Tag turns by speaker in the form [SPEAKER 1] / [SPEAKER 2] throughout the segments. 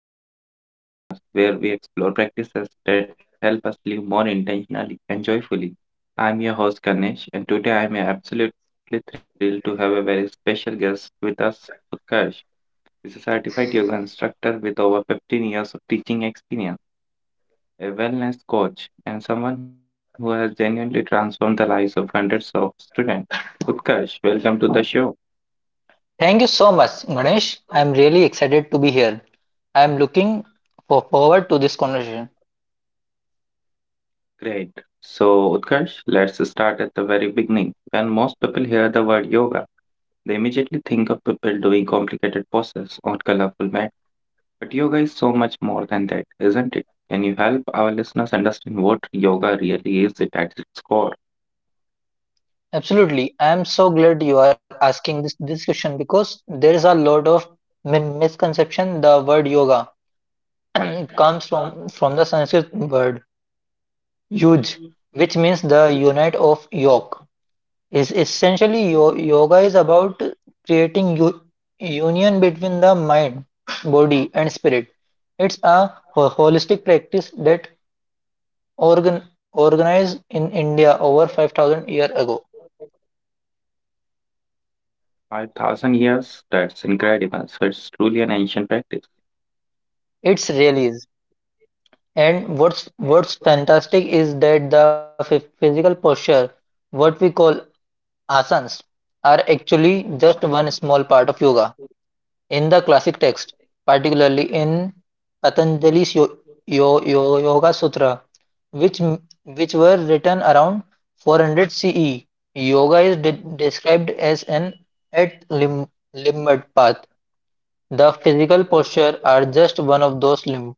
[SPEAKER 1] To the Mindful Moment podcast, where we explore practices that help us live more intentionally and joyfully. I'm your host, Ganesh, and today I'm absolutely thrilled to have a very special guest with us, Utkarsh. He's a certified yoga instructor with over 15 years of teaching experience, a wellness coach, and someone who has genuinely transformed the lives of hundreds of students. Utkarsh, welcome to the show.
[SPEAKER 2] Thank you so much, Ganesh. I am really excited to be here. I am looking forward to this conversation.
[SPEAKER 1] Great. So, Utkarsh, let's start at the very beginning. When most people hear the word yoga, they immediately think of people doing complicated poses on colorful mat. But yoga is so much more than that, isn't it? Can you help our listeners understand what yoga really is it at its core?
[SPEAKER 2] Absolutely. I am so glad you are asking this discussion because there is a lot of misconception. The word yoga it comes from the Sanskrit word yuj, which means the unit of yoke. Is essentially yoga is about creating union between the mind, body, and spirit. It's a holistic practice that organ organized in India over 5,000 years ago.
[SPEAKER 1] 5,000 years? That's incredible. So, it's truly an ancient.
[SPEAKER 2] It's really is. And what's fantastic is that the physical posture, what we call asanas, are actually just one small part of yoga. In the classic text, particularly in Patanjali's Yoga Sutra, which were written around 400 CE, yoga is described as an at lim- limit path. The physical posture are just one of those limbs.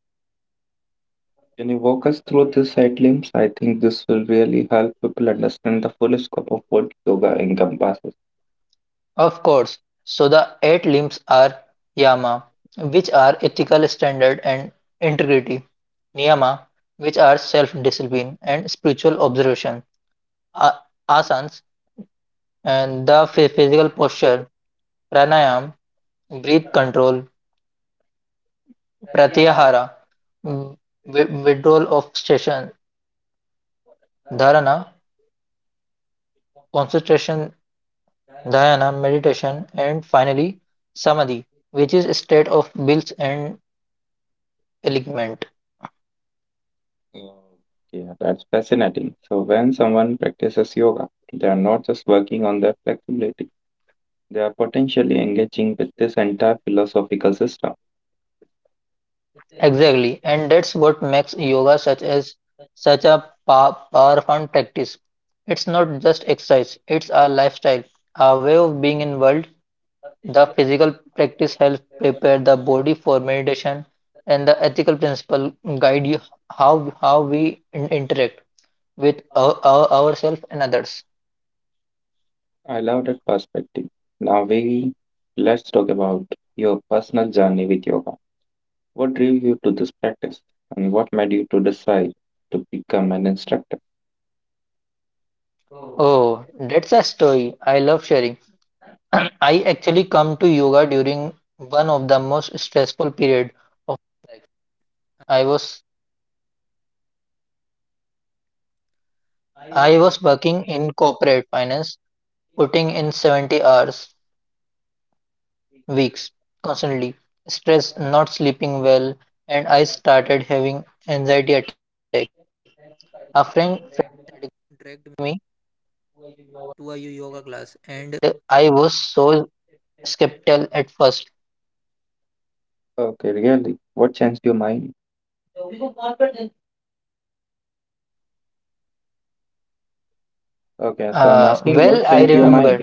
[SPEAKER 1] Can you walk us through this at limbs? I think this will really help people understand the full scope of what yoga encompasses.
[SPEAKER 2] Of course, so the eight limbs are yama, which are ethical standard and integrity, niyama, which are self-discipline and spiritual observation, asanas, and the physical posture, pranayam, breath control, pratyahara, withdrawal of station, dharana, concentration dhyana meditation, and finally samadhi, which is a state of bliss and enlightenment.
[SPEAKER 1] Oh, yeah, that's fascinating. So when someone practices yoga, they are not just working on their flexibility, they are potentially engaging with this entire philosophical system.
[SPEAKER 2] Exactly, and that's what makes yoga such a powerful practice. It's not just exercise; it's a lifestyle, a way of being in world. The physical practice helps prepare the body for meditation, and the ethical principle guide you how we interact with ourselves and others.
[SPEAKER 1] I love that perspective. Now we Let's talk about your personal journey with yoga. What drew you to this practice and what made you to decide to become an instructor?
[SPEAKER 2] Oh, that's a story I love sharing. I actually come to yoga during one of the most stressful periods weeks, constantly, stress, not sleeping well, and I started having anxiety attacks.
[SPEAKER 1] Okay, really? What changed your mind? Okay, so I'm asking
[SPEAKER 2] Well,
[SPEAKER 1] what
[SPEAKER 2] I
[SPEAKER 1] changed your
[SPEAKER 2] remember.
[SPEAKER 1] mind?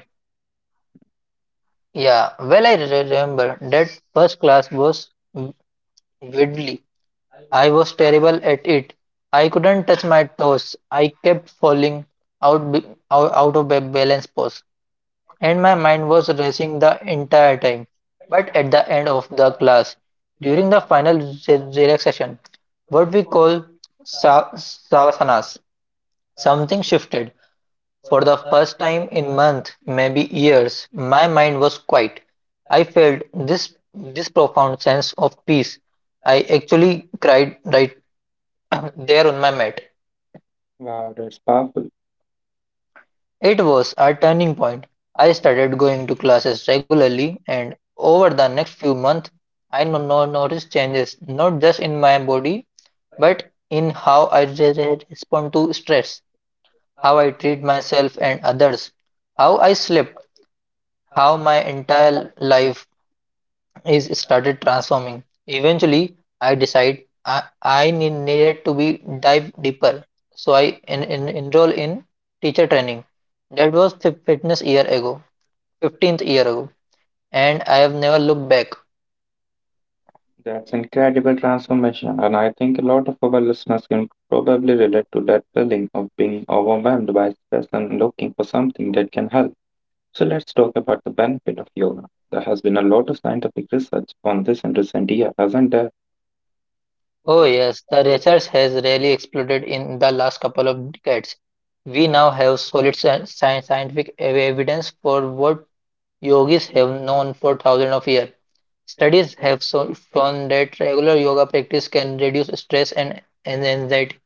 [SPEAKER 2] Yeah, well, I remember that first class was widdly. I was terrible at it. I couldn't touch my toes. I kept falling out be- out out of balance pose, and my mind was racing the entire time. But at the end of the class, during the final relaxation, what we call savasanas, something shifted. For the first time in months, maybe years, my mind was quiet. I felt this profound sense of peace. I actually cried right there on my mat.
[SPEAKER 1] Wow, that's powerful.
[SPEAKER 2] It was a turning point. I started going to classes regularly, and over the next few months, I noticed changes not just in my body but in how I respond to stress, how I treat myself and others, how I slept, how my entire life is started transforming. Eventually, I needed to be dive deeper, so I enroll in teacher training. That was 15th year ago, and I have never looked back.
[SPEAKER 1] That's incredible transformation, and I think a lot of our listeners can probably relate to that feeling of being overwhelmed by stress and looking for something that can help. So let's talk about the benefit of yoga. There has been a lot of scientific research on this in recent years, hasn't there?
[SPEAKER 2] Oh yes, the research has really exploded in the last couple of decades. We now have solid scientific evidence for what yogis have known for thousands of years. Studies have shown that regular yoga practice can reduce stress and anxiety,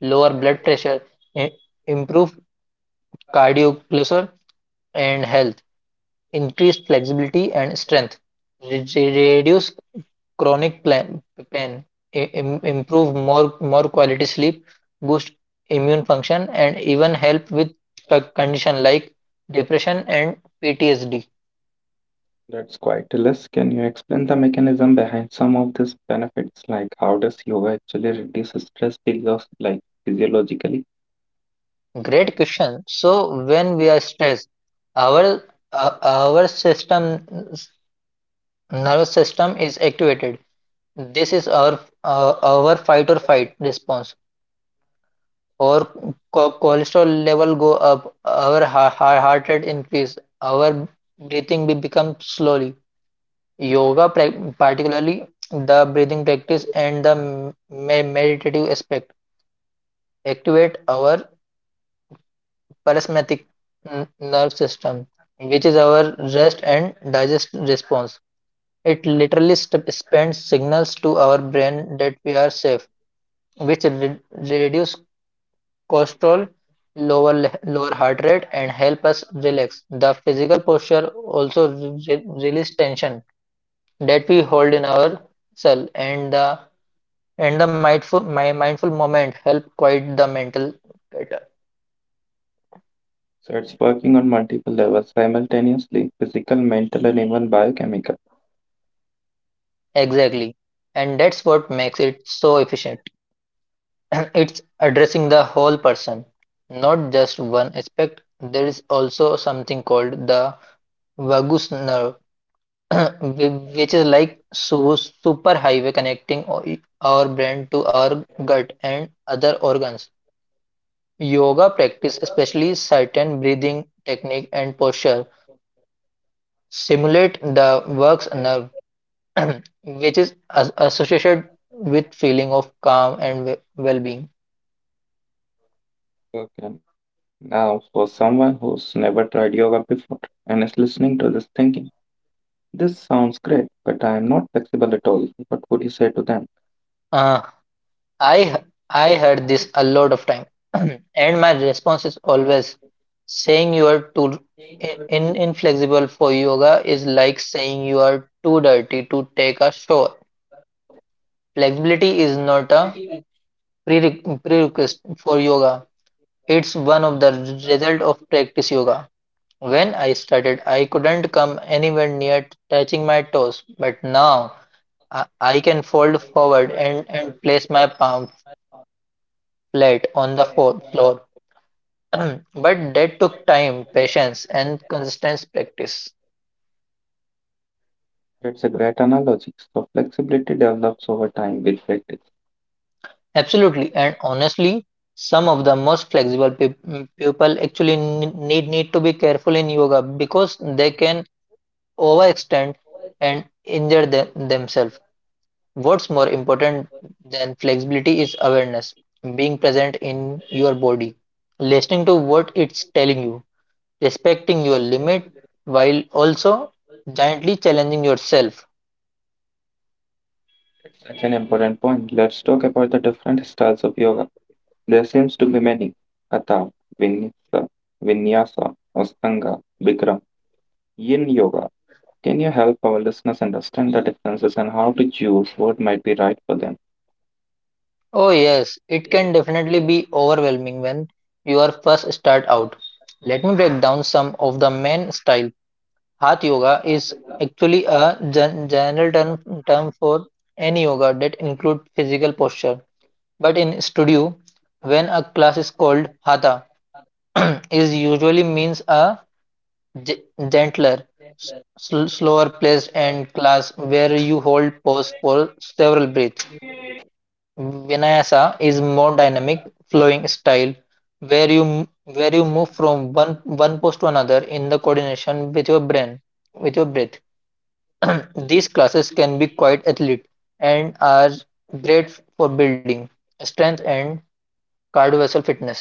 [SPEAKER 2] lower blood pressure, i- improve cardiovascular and health, increase flexibility and strength, reduce chronic pain, improve more quality sleep, boost immune function, and even help with condition like depression and PTSD.
[SPEAKER 1] That's quite a list. Can you explain the mechanism behind some of these benefits? Like how does yoga actually reduce stress physios like physiologically?
[SPEAKER 2] Great question. So when we are stressed, our our system nervous system is activated. This is our fight or fight response. Our cholesterol level go up. Our heart rate increase. Our breathing be become slowly. Yoga, particularly the breathing practice and the meditative aspect, activate our parasympathetic nerve system, which is our rest and digest response. It literally sends signals to our brain that we are safe, which reduce cortisol, lower heart rate, and help us relax. The physical posture also release tension that we hold in our cell, and the mindful moment help quiet the mental chatter.
[SPEAKER 1] So it's working on multiple levels simultaneously, physical, mental, and even biochemical.
[SPEAKER 2] Exactly, and that's what makes it so efficient. It's addressing the whole person, not just one aspect. There is also something called the vagus nerve, whi- which is like su super highway connecting our brain to our gut and other organs. Yoga practice, especially certain breathing technique and posture, simulate the works nerve, which is as associated with feeling of calm and well-being.
[SPEAKER 1] Okay, now for someone who's never tried yoga before and is listening to this thinking, this sounds great, but I am not flexible at all. What would you say to them?
[SPEAKER 2] Uh, I I heard this a lot of time, and my response is always saying you are too inflexible for yoga is like saying you are too dirty to take a shower. Flexibility is not a prerequisite for yoga. It's one of the result of practice yoga. When I started, I couldn't come anywhere near touching my toes, but now I can fold forward and place my palm flat on the floor. But that took time, patience, and consistent practice.
[SPEAKER 1] That's a great analogy. So flexibility develops over time with practice.
[SPEAKER 2] Absolutely. And honestly, some of the most flexible people actually need need to be careful in yoga because they can overextend and injure themselves. What's more important than flexibility is awareness, being present in your body, listening to what it's telling you, respecting your limit while also gently challenging yourself.
[SPEAKER 1] That's such an important point. Let's talk about the different styles of yoga. There seems to be many. Hatha, Vinyasa, Vinyasa, Astanga, Bikram, Yin Yoga. Can you help our listeners understand the differences and how to choose what might be right for them?
[SPEAKER 2] Oh, yes, it can definitely be overwhelming when you are first start out. Let me break down some of the main style. Hatha yoga is actually a general term for any yoga that includes physical posture. But in studio, when a class is called hatha, is usually means a ge- gentler, s- slower placed and class where you hold pose for several breaths. Vinyasa is more dynamic, flowing style where you move from one pose to another in the coordination with your brain with your breath. These classes can be quite athlete and are great for building strength and cardiovascular fitness.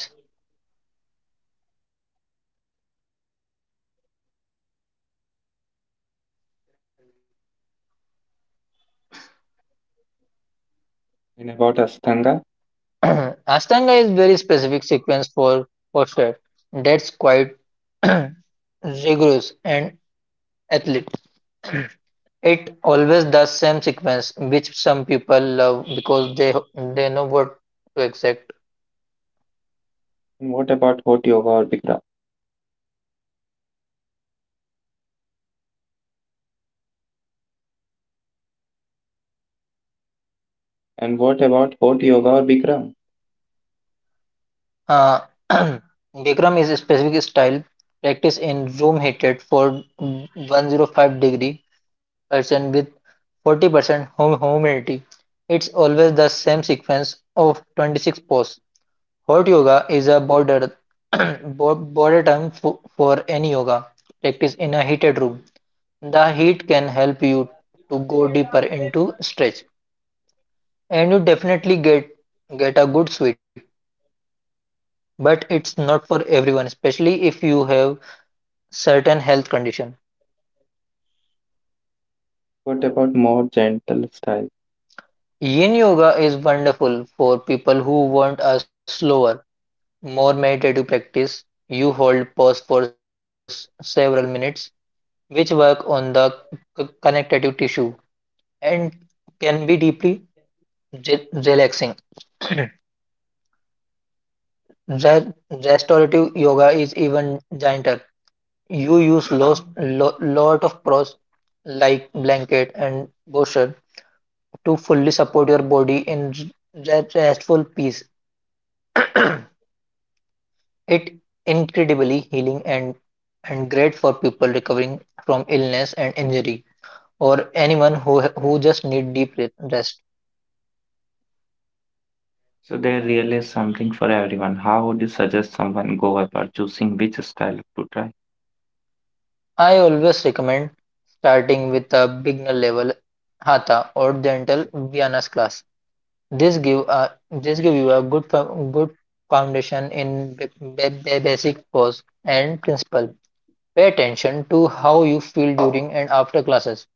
[SPEAKER 1] And about Ashtanga?
[SPEAKER 2] Ashtanga is very specific sequence for posture that's quite rigorous and athlete. It always does same sequence, which some people love because they know what to expect.
[SPEAKER 1] And what about hot yoga or Bikram? And what about hot yoga or Bikram?
[SPEAKER 2] Uh, Bikram is a specific style practiced in room heated for 105-degree Celsius with 40% humidity. It's always the same sequence of 26 poses. Hot yoga is a border border term for any yoga practice in a heated room. The heat can help you to go deeper into stretch and you definitely get a good sweat, but it's not for everyone, especially if you have certain health condition.
[SPEAKER 1] What about more gentle style?
[SPEAKER 2] Yin yoga is wonderful for people who want a slower, more meditative practice. You hold pause for several minutes, which work on the connective tissue and can be deeply relaxing. Restorative yoga is even gentle. You use lot of props like blanket and cushion to fully support your body in restful peace. It incredibly healing and great for people recovering from illness and injury or anyone who just need deep rest.
[SPEAKER 1] So there really is something for everyone. How would you suggest someone go about choosing which style to try?
[SPEAKER 2] I always recommend starting with a beginner level hatha or gentle Vyanas class. This give you a good foundation in basic pose and principle. Pay attention to how you feel during and after classes.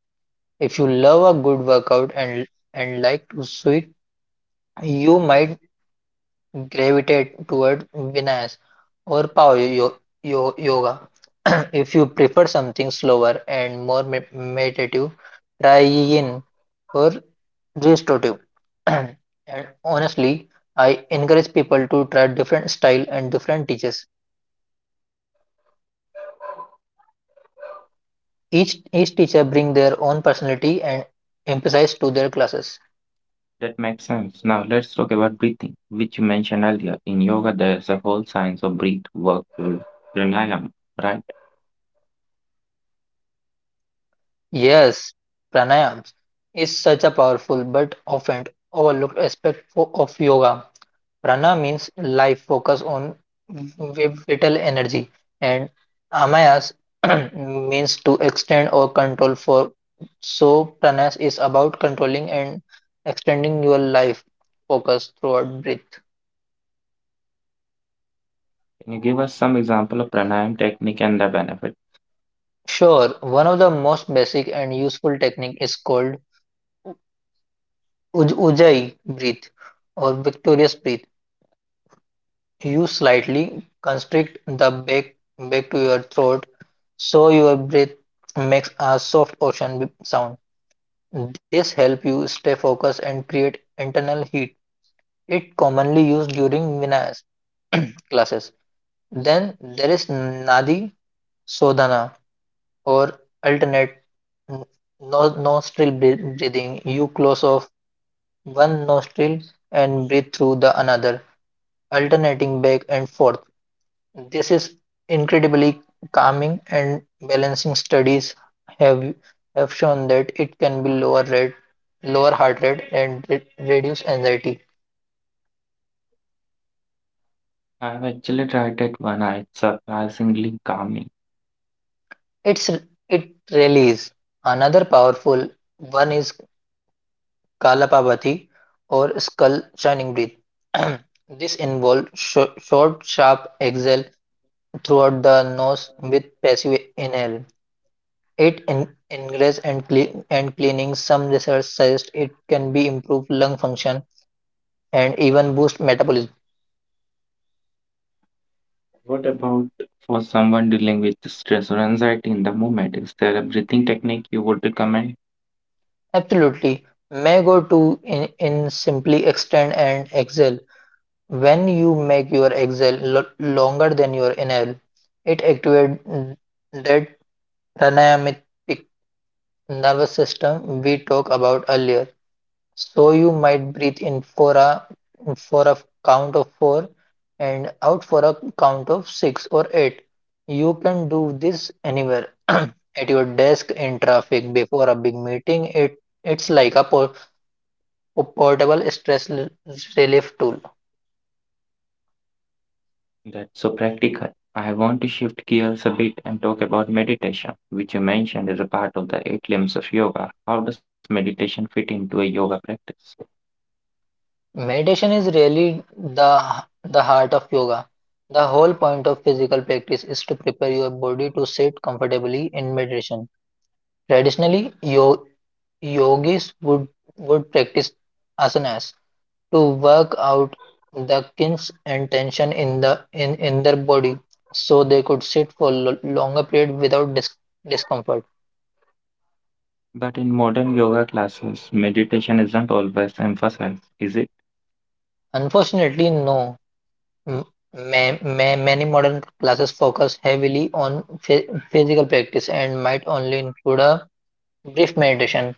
[SPEAKER 2] If you love a good workout and like to sweat, you might gravitate toward Vinyas or Power Yoga. If you prefer something slower and more meditative, try Yin or restorative. and honestly, I encourage people to try different style and different teachers. Each teacher bring their own personality and emphasize to their classes.
[SPEAKER 1] That makes sense. Now let's talk about breathing, which you mentioned earlier. In yoga, there's a whole science of breath work called pranayama, right?
[SPEAKER 2] Yes, pranayams is such a powerful but often overlooked aspect of yoga. Prana means life focus on vital energy, and Amayas means to extend or control for. So, pranas is about controlling and extending your life focus throughout breath.
[SPEAKER 1] Can you give us some example of pranayama technique and the benefit?
[SPEAKER 2] Sure, one of the most basic and useful technique is called Ujjayi breath or victorious breath. You slightly constrict the back to your throat, so your breath makes a soft ocean sound. This helps you stay focused and create internal heat. It commonly used during Vinayas classes. Then there is Nadi Sodhana or alternate n- nostril breathing. You close off one nostril and breathe through the another, alternating back and forth. This is incredibly calming, and balancing studies have have shown that it can be lower rate, lower heart rate, and reduce anxiety.
[SPEAKER 1] I've actually tried it one. It's surprisingly calming.
[SPEAKER 2] It's it really is. Another powerful one is Kalapabati or skull shining breath. This involves short, sharp exhale throughout the nose with passive inhale. It ingress and and cleaning. Some research suggests it can be improve lung function and even boost metabolism.
[SPEAKER 1] What about for someone dealing with stress or anxiety in the moment? Is there a breathing technique you would recommend
[SPEAKER 2] Absolutely. Mango too in simply extend and exhale. When you make your exhale longer than your inhale, it activates that dynamic nervous system we talked about earlier. So you might breathe in for a count of four and out for a count of six or eight. You can do this anywhere at your desk in traffic before a big meeting. It's like a portable stress relief tool.
[SPEAKER 1] that's so practical? I want to shift gears a bit and talk about meditation, which you mentioned is a part of the eight limbs of yoga. How does meditation fit into a yoga practice?
[SPEAKER 2] Meditation is really the heart of yoga. The whole point of physical practice is to prepare your body to sit comfortably in meditation. Traditionally, yo yogis would practice asanas to work out the kinks and tension in their body so they could sit for longer period without discomfort.
[SPEAKER 1] But in modern yoga classes, meditation isn't always emphasized, is it?
[SPEAKER 2] Unfortunately, no. M- many modern classes focus heavily on physical practice and might only include a brief meditation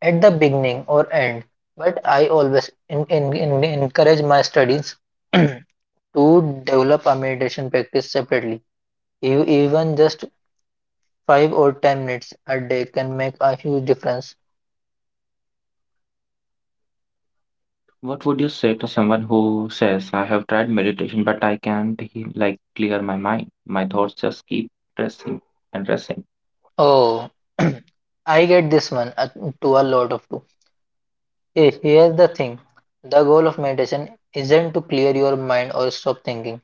[SPEAKER 2] at the beginning or end. But I always encourage my studies to develop a meditation practice separately. E- Even just 5 or 10 minutes a day can make a huge difference.
[SPEAKER 1] What would you say to someone who says, I have tried meditation, but I can't like clear my mind. My thoughts just keep pressing and pressing.
[SPEAKER 2] Oh, I get this one to a lot of too. Here's the thing, the goal of meditation isn't to clear your mind or stop thinking.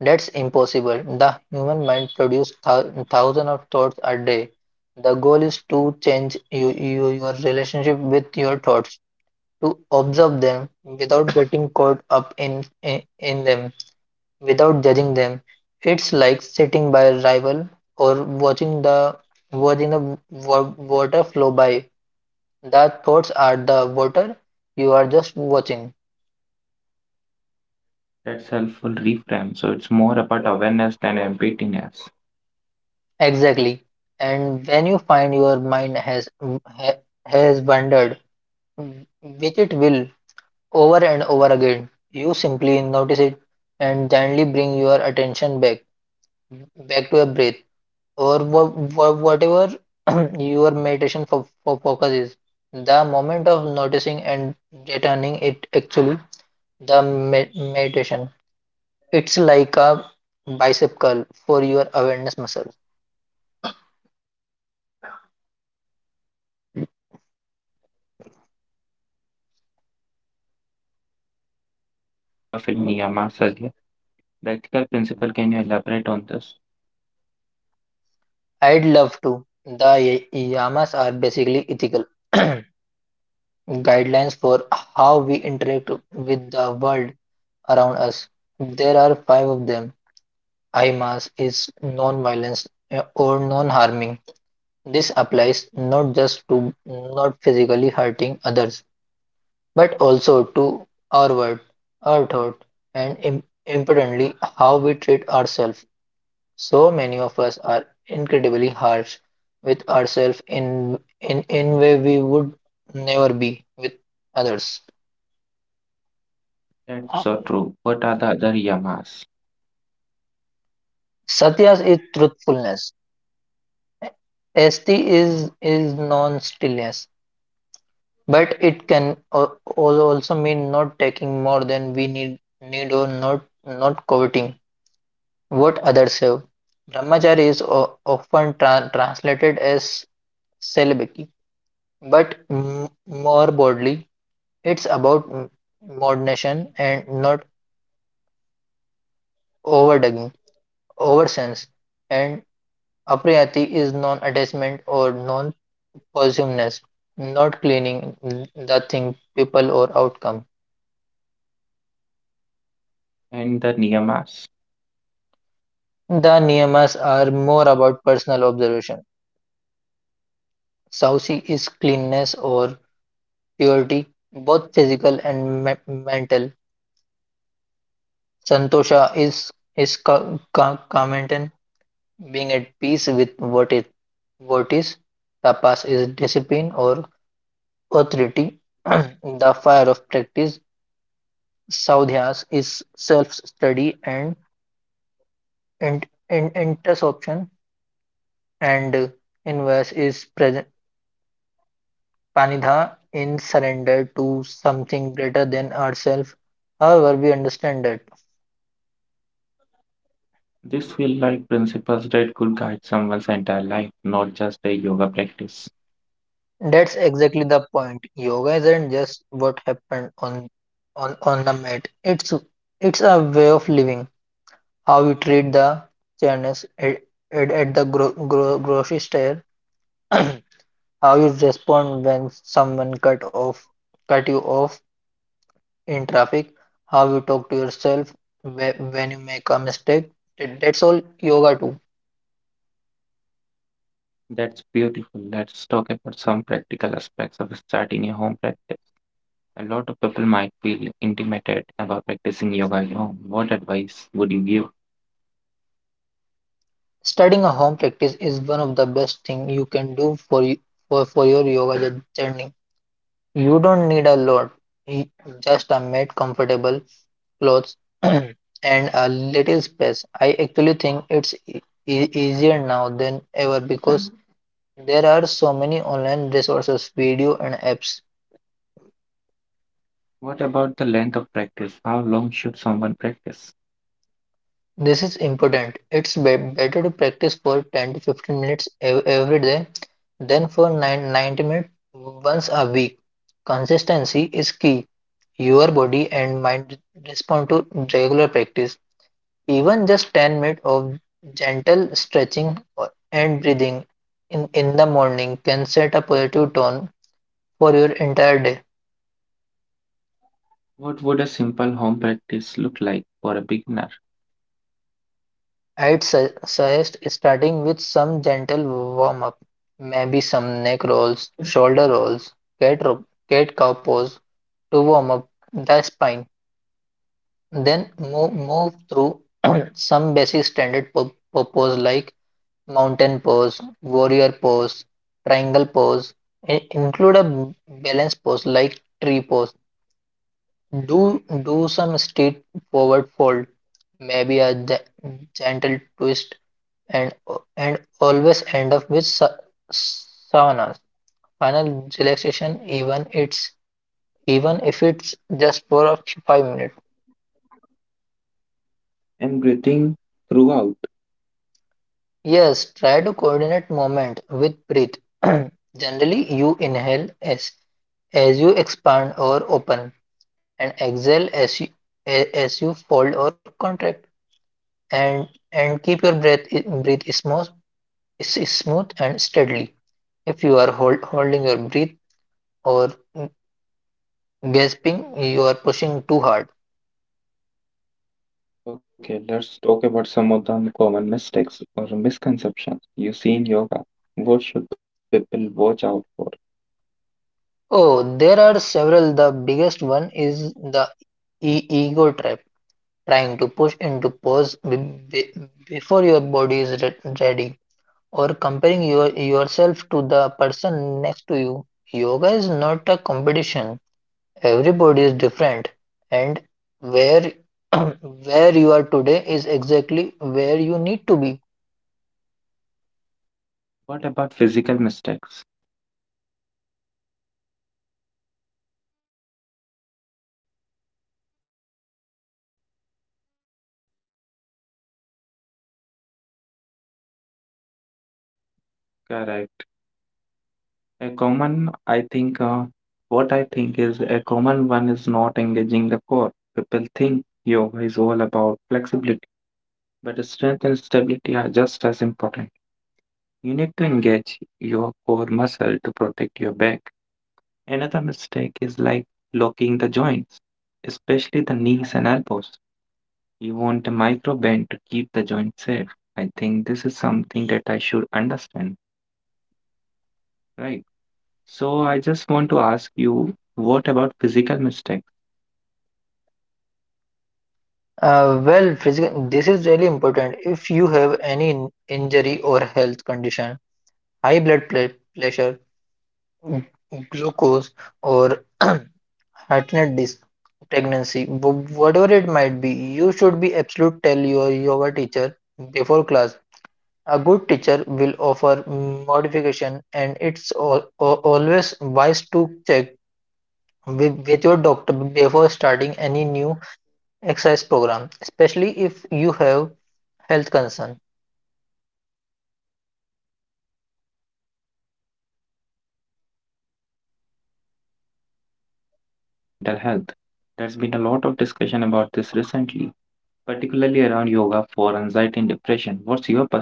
[SPEAKER 2] That's impossible. The human mind produces thousands of thoughts a day. The goal is to change your relationship with your thoughts, to observe them without getting caught up in them, without judging them. It's like sitting by a rival or watching the water flow by. That thoughts are the water, you are just watching.
[SPEAKER 1] That's helpful reframe. So it's more about awareness than emptiness.
[SPEAKER 2] Exactly. And when you find your mind ha, has wandered, which it will over and over again, you simply notice it and gently bring your attention back to a breath or whatever your meditation for focus is. The moment of noticing and returning it actually the meditation. It's like a bicep curl for your awareness muscle.
[SPEAKER 1] I love that analogy. Now let's talk about yoga philosophy a bit more. You mentioned the yamas and niyamas earlier. The ethical principle, can you elaborate on this?
[SPEAKER 2] I'd love to. The yamas are basically ethical guidelines for how we interact with the world around us. There are five of them. Ayamas is non-violence, or non-harming. This applies not just to not physically hurting others, but also to our word, our thought, and importantly, how we treat ourselves. So many of us are incredibly harsh with ourselves in way we would never be with others.
[SPEAKER 1] That's so true. What are the other yamas
[SPEAKER 2] Satya is truthfulness. Asti is non-stillness. But it can also mean not taking more than we need, or not coveting what others have. Brahmacharya is often translated as celibacy, but more broadly, it's about moderation and not overdoing, oversense. And apriyati is non-attachment or non-possessiveness, not clinging the thing, people, or outcome.
[SPEAKER 1] and the niyamas?
[SPEAKER 2] The niyamas are more about personal observation. Saucy is cleanness or purity, both physical and mental. Santosha is kamaten, being at peace with what is. What is, tapas is discipline or authority, the fire of practice. Saudhyas is self-study and, introspection, and inverse is Panitha in surrender to something greater than ourselves, however we understand it.
[SPEAKER 1] These feel like principles that could guide someone's entire life, not just a yoga practice.
[SPEAKER 2] That's exactly the point. Yoga isn't just what happened on the mat. It's a way of living. How we treat the chairs at the grocery store, how you respond when someone cut you off in traffic, how you talk to yourself when you make a mistake. That's all yoga too.
[SPEAKER 1] That's beautiful. Let's talk about some practical aspects of starting a home practice. A lot of people might feel intimidated about practicing yoga at home. What advice would you give?
[SPEAKER 2] Studying a home practice is one of the best thing you can do for for your yoga journey. You don't need a lot, y- just a mat, comfortable clothes, and a little space. I actually think it's easier now than ever because there are so many online resources, video, and apps.
[SPEAKER 1] What about the length of practice? How long should someone practice?
[SPEAKER 2] This is important. It's be better to practice for 10 to 15 minutes ev every day than for nine 90 minutes once a week. Consistency is key. Your body and mind respond to regular practice. Even just 10 minutes of gentle stretching and breathing in the morning can set a positive tone for your entire day.
[SPEAKER 1] What would a simple home practice look like for a beginner?
[SPEAKER 2] I'd suggest starting with some gentle warm up, maybe some neck rolls, shoulder rolls, cat cow pose to warm up the spine. Then move through some basic standard pose like mountain pose, warrior pose, triangle pose, and include a balance pose like tree pose. Do some straight forward fold, maybe a gentle twist and always end up with saunas. Final relaxation, even if it's just for 5 minutes.
[SPEAKER 1] And breathing throughout.
[SPEAKER 2] Yes, try to coordinate moment with breath. Generally, you inhale as you expand or open, and exhale as as you fold or contract, and keep your breathe smooth, is smooth and steadily. If you are holding your breath or gasping, you are pushing too hard.
[SPEAKER 1] Okay, let's talk about some of the common mistakes or misconceptions you see in yoga. What should people watch out for?
[SPEAKER 2] Oh, there are several. The biggest one is the ego trap, trying to push into pose be- before your body is ready, or comparing your yourself to the person next to you. Yoga is not a competition. Everybody is different, and where where you are today is exactly where you need to be.
[SPEAKER 1] What about physical mistakes? Correct. A common, what I think is a common one is not engaging the core. People think yoga is all about flexibility, but strength and stability are just as important. You need to engage your core muscle to protect your back. Another mistake is like locking the joints, especially the knees and elbows. You want a micro bend to keep the joint safe. I think this is something that I should understand, right? So I just want to ask you, what about physical mistakes?
[SPEAKER 2] Well, physical, this is really important. If you have any injury or health condition, high blood pl pressure, g- glucose, or heart rate disease, pregnancy, whatever it might be, you should be absolute tell your yoga teacher before class. A good teacher will offer modification, and it's always wise to check with your doctor before starting any new exercise program, especially if you have health concern.
[SPEAKER 1] That's a good advice. Now I want to talk about yoga and mental health. There's been a lot of discussion about this recently, particularly around yoga for anxiety and depression. What's your perspective?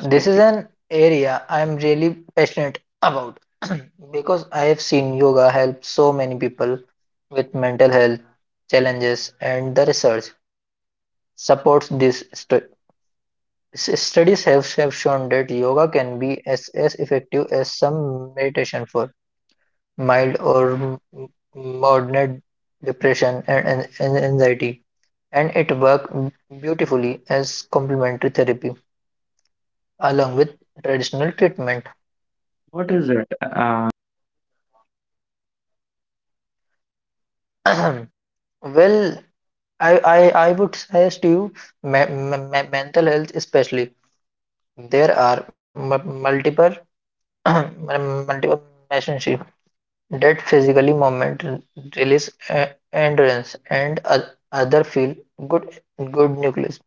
[SPEAKER 2] This is an area I am really passionate about, because I have seen yoga help so many people with mental health challenges, and the research supports this s- studies have shown that yoga can be as effective as some meditation for mild or moderate depression and anxiety, and it worked beautifully as complementary therapy along with
[SPEAKER 1] What is
[SPEAKER 2] traditional
[SPEAKER 1] it
[SPEAKER 2] treatment.
[SPEAKER 1] like? Like, what is it about yoga that helps us mental health specifically?
[SPEAKER 2] Well, I, I, I would suggest you mental health especially.
[SPEAKER 1] I'm not getting your
[SPEAKER 2] There are
[SPEAKER 1] voice, Utkarsh.
[SPEAKER 2] multiple multiple relationship that physically moment release endurance and other feel good good nucleus.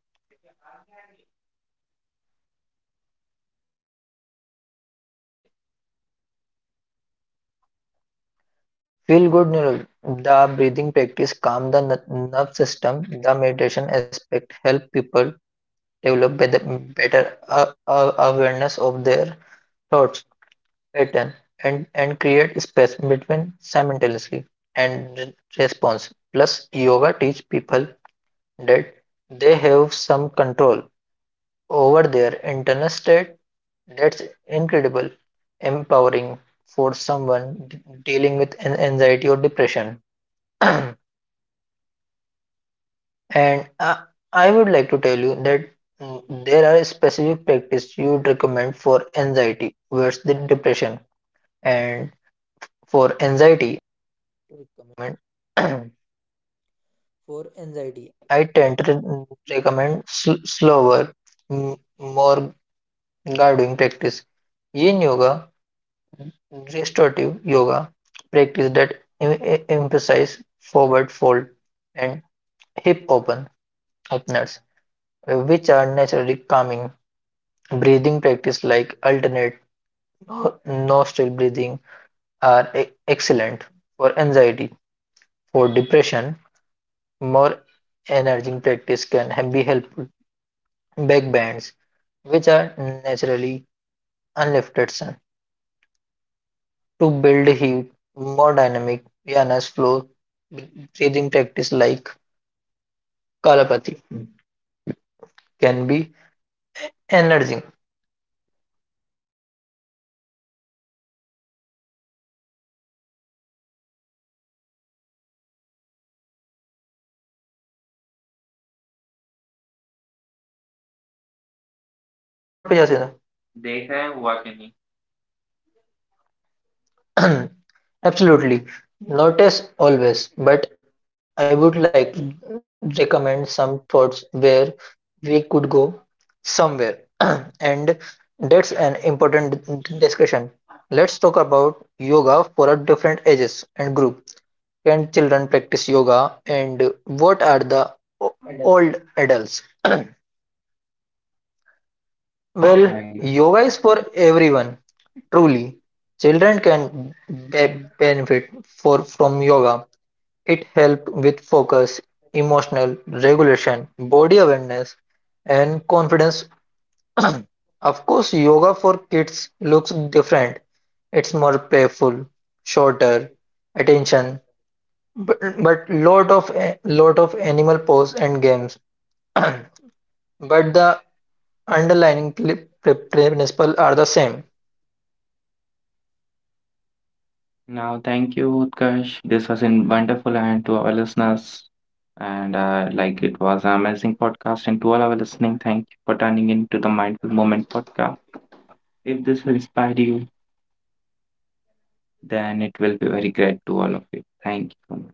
[SPEAKER 1] I think
[SPEAKER 2] Feel-good
[SPEAKER 1] there is so much to
[SPEAKER 2] the
[SPEAKER 1] learn
[SPEAKER 2] breathing
[SPEAKER 1] about
[SPEAKER 2] practice
[SPEAKER 1] this. Like
[SPEAKER 2] calm the
[SPEAKER 1] there are multiple
[SPEAKER 2] nerve system.
[SPEAKER 1] mechanism. I
[SPEAKER 2] The
[SPEAKER 1] think like the
[SPEAKER 2] meditation
[SPEAKER 1] physical
[SPEAKER 2] aspect
[SPEAKER 1] movement
[SPEAKER 2] help
[SPEAKER 1] release
[SPEAKER 2] people develop
[SPEAKER 1] endorphins, another feel
[SPEAKER 2] better
[SPEAKER 1] good neurochemicals.
[SPEAKER 2] awareness of
[SPEAKER 1] The
[SPEAKER 2] their
[SPEAKER 1] breathing practices
[SPEAKER 2] thoughts
[SPEAKER 1] calm the nervous system.
[SPEAKER 2] pattern and
[SPEAKER 1] The meditation
[SPEAKER 2] create space
[SPEAKER 1] aspect help
[SPEAKER 2] between
[SPEAKER 1] people develop
[SPEAKER 2] simultaneously
[SPEAKER 1] better awareness
[SPEAKER 2] and
[SPEAKER 1] of their
[SPEAKER 2] response.
[SPEAKER 1] thoughts,
[SPEAKER 2] Plus, yoga
[SPEAKER 1] patterns,
[SPEAKER 2] teach
[SPEAKER 1] and
[SPEAKER 2] people
[SPEAKER 1] create space between
[SPEAKER 2] that
[SPEAKER 1] stimulus and
[SPEAKER 2] they
[SPEAKER 1] response.
[SPEAKER 2] have some
[SPEAKER 1] Plus,
[SPEAKER 2] control
[SPEAKER 1] yoga teaches
[SPEAKER 2] over
[SPEAKER 1] people
[SPEAKER 2] their
[SPEAKER 1] that they have
[SPEAKER 2] internal
[SPEAKER 1] some
[SPEAKER 2] state.
[SPEAKER 1] control over their
[SPEAKER 2] That's
[SPEAKER 1] internal state.
[SPEAKER 2] incredible,
[SPEAKER 1] That's like
[SPEAKER 2] empowering
[SPEAKER 1] incredibly
[SPEAKER 2] for
[SPEAKER 1] power
[SPEAKER 2] someone
[SPEAKER 1] for someone dealing
[SPEAKER 2] dealing
[SPEAKER 1] with
[SPEAKER 2] with
[SPEAKER 1] anxiety or
[SPEAKER 2] anxiety or
[SPEAKER 1] depression.
[SPEAKER 2] depression.
[SPEAKER 1] That's like something that I have learned in my junior
[SPEAKER 2] And
[SPEAKER 1] classes.
[SPEAKER 2] I would like to
[SPEAKER 1] And
[SPEAKER 2] tell
[SPEAKER 1] when
[SPEAKER 2] you
[SPEAKER 1] I like
[SPEAKER 2] that
[SPEAKER 1] met a
[SPEAKER 2] mm,
[SPEAKER 1] friend
[SPEAKER 2] there are
[SPEAKER 1] who was
[SPEAKER 2] specific
[SPEAKER 1] like close
[SPEAKER 2] practice
[SPEAKER 1] to
[SPEAKER 2] you
[SPEAKER 1] me
[SPEAKER 2] would recommend for anxiety versus the depression.
[SPEAKER 1] and
[SPEAKER 2] And
[SPEAKER 1] if talk about something like like thank you so much for joining us today and sharing your wisdom and experience. This has been such an enlightening conversation. And to all of you
[SPEAKER 2] restorative
[SPEAKER 1] listening,
[SPEAKER 2] yoga
[SPEAKER 1] thank you
[SPEAKER 2] practice
[SPEAKER 1] for
[SPEAKER 2] that
[SPEAKER 1] turning it
[SPEAKER 2] em-
[SPEAKER 1] to the
[SPEAKER 2] emphasize
[SPEAKER 1] Mindful Moment
[SPEAKER 2] forward
[SPEAKER 1] podcast.
[SPEAKER 2] fold and
[SPEAKER 1] If this podcast
[SPEAKER 2] hip
[SPEAKER 1] inspired you, please
[SPEAKER 2] openers,
[SPEAKER 1] share it with someone
[SPEAKER 2] which
[SPEAKER 1] who
[SPEAKER 2] are
[SPEAKER 1] might
[SPEAKER 2] naturally
[SPEAKER 1] benefit from
[SPEAKER 2] calming.
[SPEAKER 1] hearing about yoga.
[SPEAKER 2] Breathing
[SPEAKER 1] You
[SPEAKER 2] practice
[SPEAKER 1] can
[SPEAKER 2] like
[SPEAKER 1] find show
[SPEAKER 2] alternate
[SPEAKER 1] notes and
[SPEAKER 2] no-
[SPEAKER 1] links to
[SPEAKER 2] nostril breathing
[SPEAKER 1] Utkash's work on
[SPEAKER 2] are
[SPEAKER 1] our website.
[SPEAKER 2] excellent
[SPEAKER 1] Until
[SPEAKER 2] for
[SPEAKER 1] next
[SPEAKER 2] anxiety.
[SPEAKER 1] time, stay
[SPEAKER 2] For
[SPEAKER 1] mindful, stay
[SPEAKER 2] depression,
[SPEAKER 1] present, and keep
[SPEAKER 2] more
[SPEAKER 1] moving.
[SPEAKER 2] energizing
[SPEAKER 1] This is
[SPEAKER 2] practice
[SPEAKER 1] something
[SPEAKER 2] can be
[SPEAKER 1] that we
[SPEAKER 2] helpful.
[SPEAKER 1] should follow.
[SPEAKER 2] Back
[SPEAKER 1] And from
[SPEAKER 2] bends,
[SPEAKER 1] my I
[SPEAKER 2] which
[SPEAKER 1] only
[SPEAKER 2] are
[SPEAKER 1] want to give such an
[SPEAKER 2] naturally
[SPEAKER 1] advice that you should.
[SPEAKER 2] unlifted. To build heat more dynamic, Viana's flow breathing practice like Kalapathy can be energizing. Quote पे जा सीधा। देखा है हुआ कि नहीं। Absolutely. Not as always, but I would like to recommend some thoughts where we could go somewhere. And that's an important discussion. Let's talk about yoga for a different ages and group. Can children practice yoga? And what are the old adults? Well, yoga is for
[SPEAKER 1] Right.
[SPEAKER 2] everyone, truly. Children can benefit from yoga. It helps with focus, emotional regulation, body awareness, and confidence. Of course, yoga for kids looks different. It's more playful, shorter, attention. But, but lot of lot of animal pose and games, but the underlying principle are the same.
[SPEAKER 1] Now, thank you, Utkarsh. This was in wonderful and to our listeners. And like it was an amazing podcast. And to all our listening, thank you for tuning into the Mindful Moment podcast. If this inspired you, then it will be very great to all of you. Thank you.